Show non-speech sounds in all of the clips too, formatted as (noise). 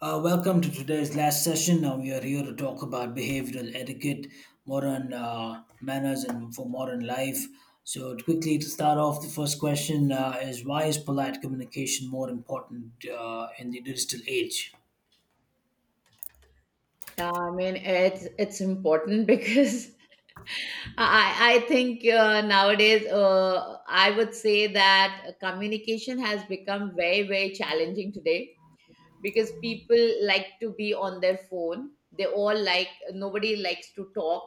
Welcome to today's last session. Now we are here to talk about behavioral etiquette, modern manners, and for modern life. So, quickly to start off, the first question is why is polite communication more important in the digital age? Yeah, I mean it's important because (laughs) I think nowadays I would say that communication has become very very challenging today because people like to be on their phone. They all like nobody likes to talk,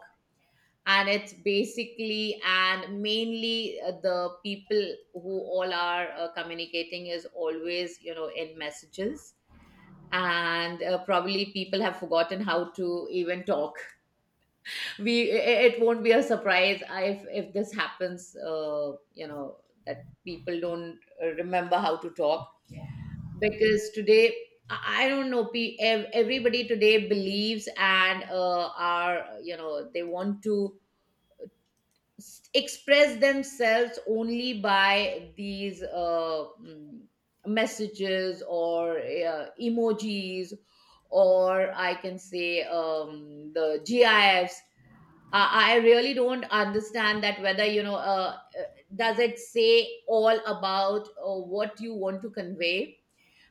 and it's basically and mainly the people who all are communicating is always in messages, and probably people have forgotten how to even talk it won't be a surprise if this happens, you know, that people don't remember how to talk because today, I don't know, everybody today believes and are, you know they want to express themselves only by these messages or emojis or I can say the gifs. I really don't understand that whether does it say all about what you want to convey,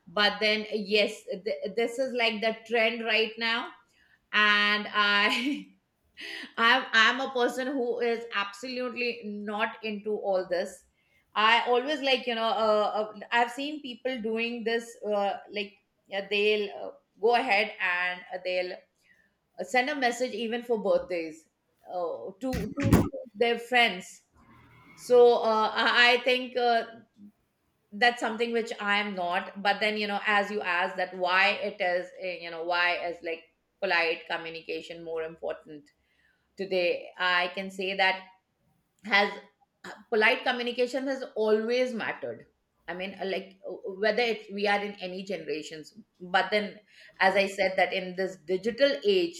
but then yes, this is like the trend right now. And i (laughs) I'm a person who is absolutely not into all this. I always like I've seen people doing this like, yeah, they'll go ahead and they'll send a message even for birthdays, to their friends. So I think that's something which I am not. But then, you know, as you ask that why it is, you know, why is like polite communication more important today, I can say that has polite communication has always mattered. I mean, whether we are in any generations, but then, as I said, that in this digital age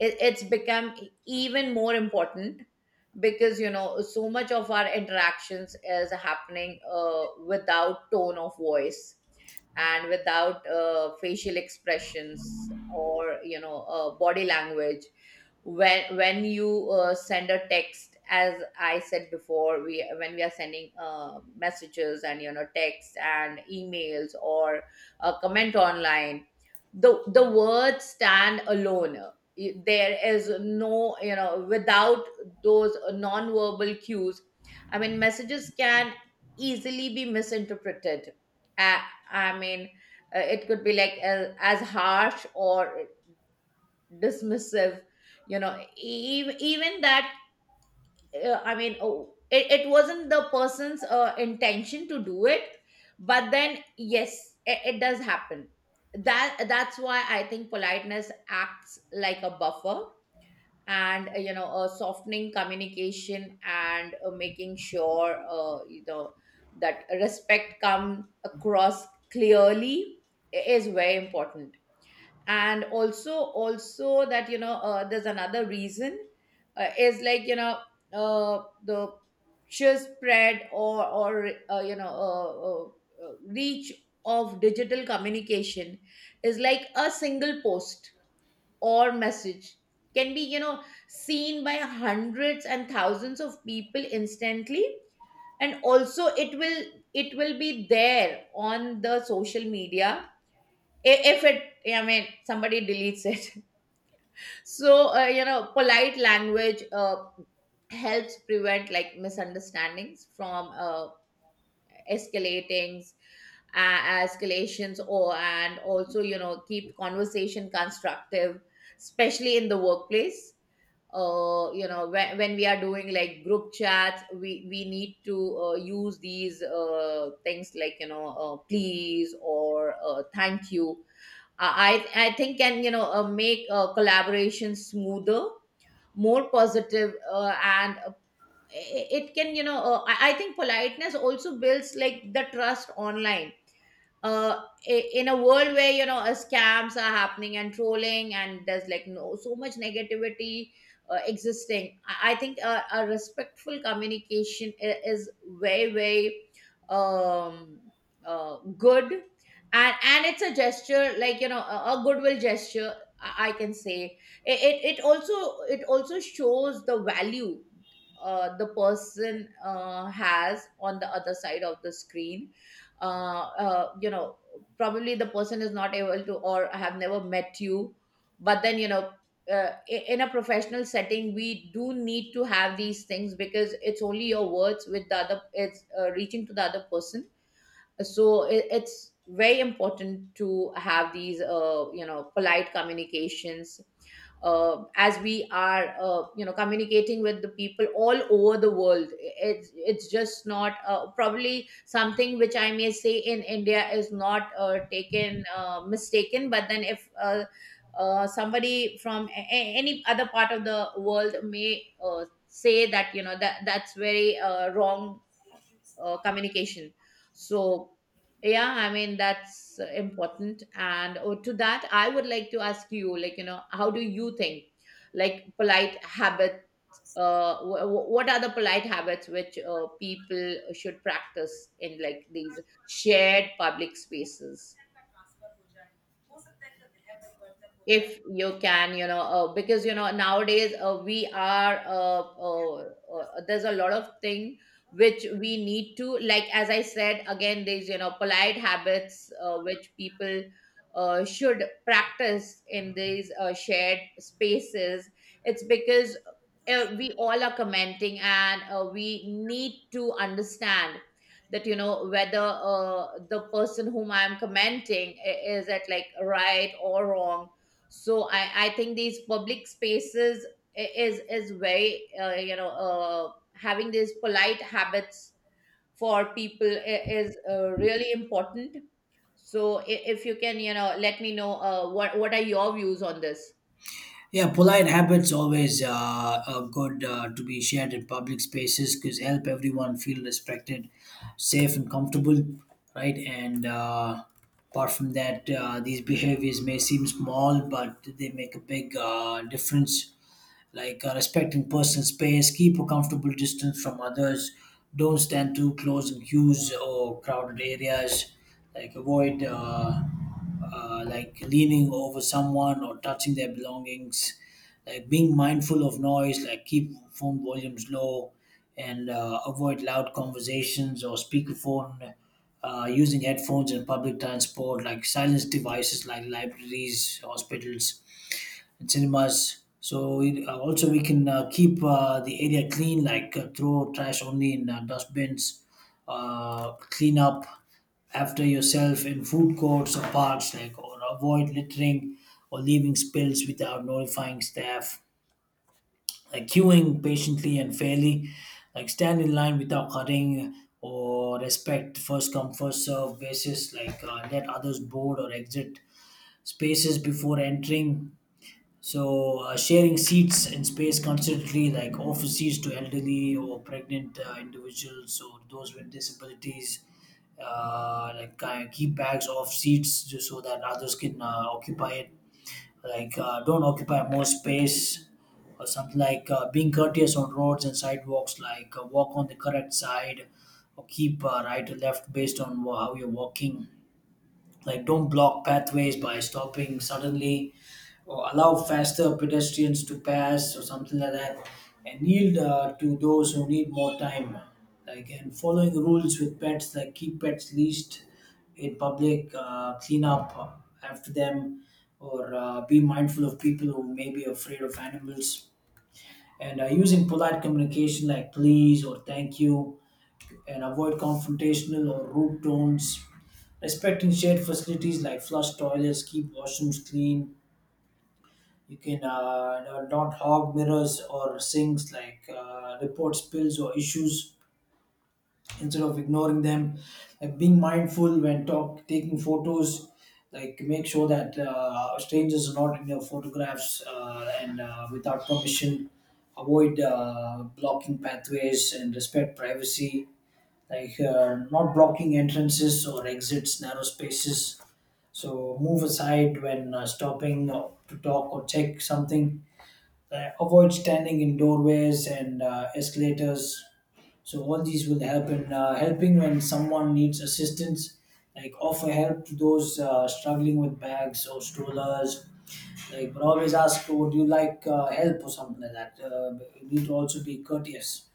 it's become even more important because, you know, so much of our interactions is happening without tone of voice and without facial expressions or, body language. When you send a text, as I said before, we when we are sending messages and, you know, texts and emails or a comment online, the words stand alone. There is no, you know, without those non-verbal cues, I mean messages can easily be misinterpreted. i, I mean, it could be like as harsh or dismissive, you know, even that, I mean, oh, it wasn't the person's intention to do it, but then yes, it does happen. That's why I think politeness acts like a buffer and, softening communication and, making sure, you know, that respect comes across clearly is very important. And also that, you know, there's another reason, is like, you know, the sheer spread or reach of digital communication is, like a single post or message can be, you know, seen by hundreds and thousands of people instantly, and also it will, it will be there on the social media. If it I mean somebody deletes it. (laughs) So, you know, polite language helps prevent like misunderstandings from escalating, uh, escalations, or, and also, you know, keep conversation constructive, especially in the workplace. You know, when we are doing like group chats, we need to use these things like, you know, please or thank you. I think can, you know, make collaboration smoother, more positive, i- it can, you know, I think politeness also builds like the trust online, uh, in a world where, you know, scams are happening and trolling, and there's like no so much negativity existing. I think a respectful communication is very very um, good, and it's a gesture like, you know, a goodwill gesture, I can say. It also shows the value the person has on the other side of the screen. You know, probably the person is not able to or have never met you, but then, you know, in a professional setting, we do need to have these things because it's only your words with the other, it's reaching to the other person. So it's very important to have these, polite communications, as we are, communicating with the people all over the world. It's just not probably something which I may say in india is not taken, mistaken, but then if somebody from any other part of the world may say that, you know, that's very wrong communication. So, yeah, I mean, that's important. And to that, I would like to ask you, like, you know, how do you think, like, polite habits? What are the polite habits which people should practice in, like, these shared public spaces? If you can, you know, because, you know, nowadays we are there's a lot of thing which we need to, like, as I said again, there's, you know, polite habits which people should practice in these shared spaces. It's because, we all are commenting and, we need to understand that, you know, whether the person whom I'm commenting is at like right or wrong. So i think these public spaces is is very, you know, having these polite habits for people is really important. So if you can, you know, let me know what are your views on this. Yeah, polite habits always are good to be shared in public spaces because help everyone feel respected, safe, and comfortable, right? And Apart from that, these behaviors may seem small, but they make a big difference, like respecting personal space, keep a comfortable distance from others, don't stand too close in queues or crowded areas, like avoid like leaning over someone or touching their belongings, like being mindful of noise, like keep phone volumes low, and avoid loud conversations or speakerphone. Using headphones in public transport, like silence devices like libraries, hospitals, and cinemas. So we, also we can keep the area clean, like throw trash only in dustbins, clean up after yourself in food courts or parks, like or avoid littering or leaving spills without notifying staff, like queuing patiently and fairly, like stand in line without cutting or respect first come first serve basis, like let others board or exit spaces before entering. So sharing seats and space considerably, like office seats to elderly or pregnant individuals or those with disabilities, like keep bags off seats just so that others can occupy it. Like don't occupy more space or something, like being courteous on roads and sidewalks, like walk on the correct side or keep right or left based on how you're walking, like don't block pathways by stopping suddenly or allow faster pedestrians to pass or something like that, and yield to those who need more time, like and following rules with pets, like keep pets leashed in public, clean up after them, or be mindful of people who may be afraid of animals, and using polite communication like please or thank you and avoid confrontational or rude tones. Respecting shared facilities like flush toilets, keep washrooms clean. You can not hog mirrors or sinks, like report spills or issues instead of ignoring them. Like being mindful when talk, taking photos, like make sure that strangers are not in your photographs and without permission. Avoid blocking pathways and respect privacy, like not blocking entrances or exits, narrow spaces. So move aside when stopping to talk or check something. Avoid standing in doorways and escalators. So all these will happen in helping when someone needs assistance, like offer help to those struggling with bags or strollers. Like, but always ask, "Would you like help or something like that?" We need to also be courteous,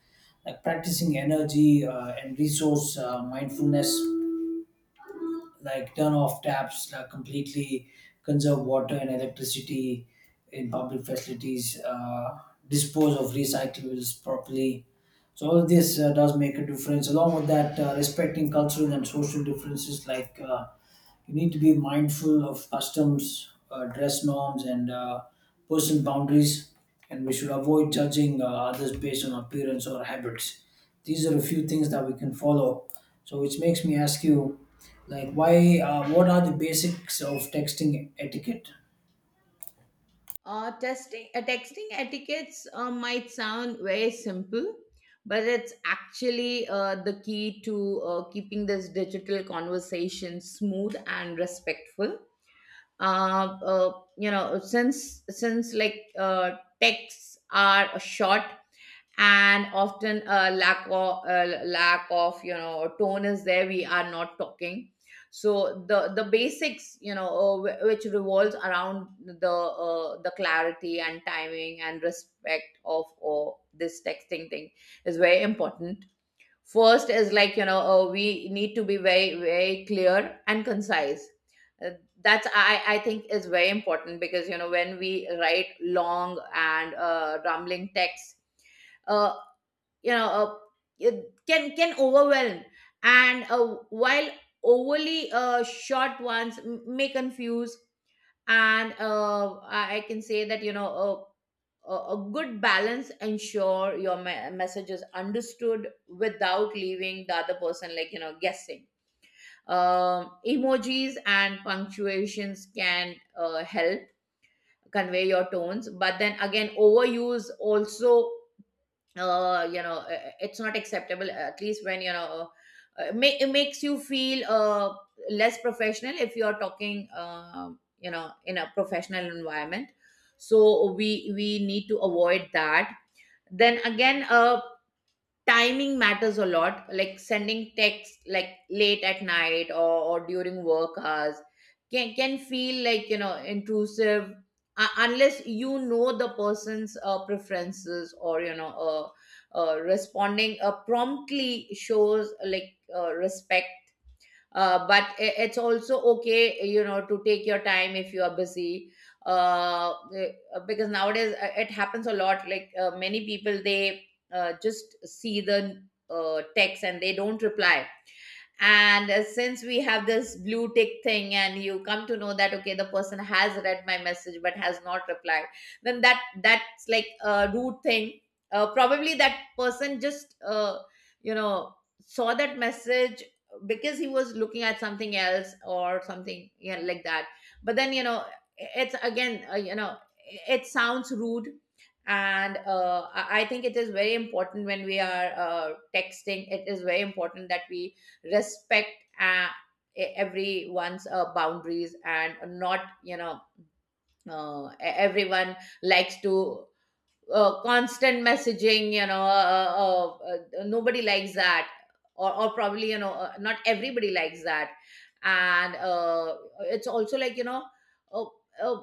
like practicing energy and resource mindfulness, like turn off taps, like completely conserve water and electricity in public facilities, dispose of recyclables properly. So all of this does make a difference. Along with that, respecting cultural and social differences, like you need to be mindful of customs, dress norms, and personal boundaries. And we should avoid judging others based on appearance or habits. These are a few things that we can follow. So, which makes me ask you, like, why? What are the basics of texting etiquette? Testing Texting etiquettes might sound very simple, but it's actually the key to keeping this digital conversation smooth and respectful. You know, since like, texts are short and often a lack of, you know, tone is there, we are not talking. So the basics, you know, which revolves around the clarity and timing and respect of this texting thing is very important. First is like, you know, we need to be very, very clear and concise. Uh, That's, I think, is very important because, you know, when we write long and rambling texts, uh, you know, uh, it can overwhelm, and while overly short ones may confuse. And I can say that, you know, a good balance ensure your message is understood without leaving the other person like, you know, guessing. Emojis and punctuations can help convey your tones, but then again, overuse also, you know, it's not acceptable, at least when, you know, it makes you feel less professional if you are talking, you know, in a professional environment. So we need to avoid that. Then again, timing matters a lot, like sending texts like late at night or during work hours can feel, like, you know, intrusive unless you know the person's preferences, or you know. Responding promptly shows like respect, but it's also okay, you know, to take your time if you are busy, uh, eh, because nowadays it happens a lot, like, many people they just see the text and they don't reply. And since we have this blue tick thing, and you come to know that okay, the person has read my message but has not replied, then that's like a rude thing. Probably that person just, you know saw that message because he was looking at something else or something, yeah, like that. But then, you know, it's again, it sounds rude. And I think it is very important when we are texting, it is very important that we respect, uh, everyone's boundaries. And not, you know, e- everyone likes to, constant messaging, nobody likes that, or probably, you know, not everybody likes that. And, it's also like, you know, uh, uh,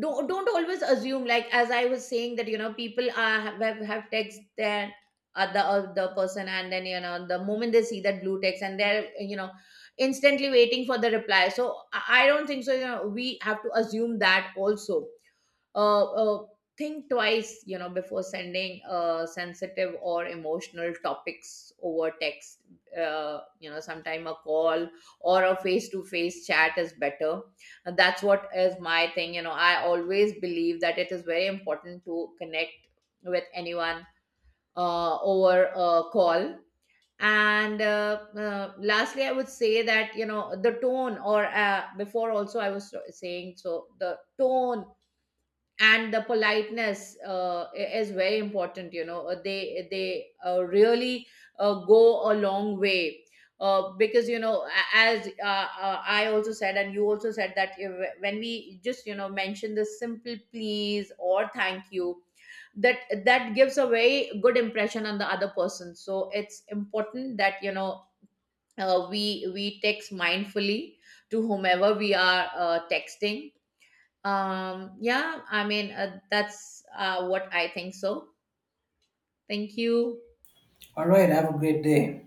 don't always assume, like as I was saying that, you know, people are have text their other person, and then, you know, the moment they see that blue text, and they're, you know, instantly waiting for the reply. So I don't think so, you know, we have to assume that also. uh, uh, think twice, you know, before sending sensitive or emotional topics over text. You know, sometime a call or a face-to-face chat is better. And that's what is my thing, you know, I always believe that it is very important to connect with anyone over a call. And lastly, I would say that, you know, the tone, or before also I was saying, so the tone and the politeness is very important, you know. They really go a long way because, you know, a- as I also said, and you also said, that when we just, you know, mention the simple please or thank you, that that gives a very good impression on the other person. So it's important that, you know, we text mindfully to whomever we are texting. Um, yeah, I mean, that's what I think so. Thank you. All right. Have a great day.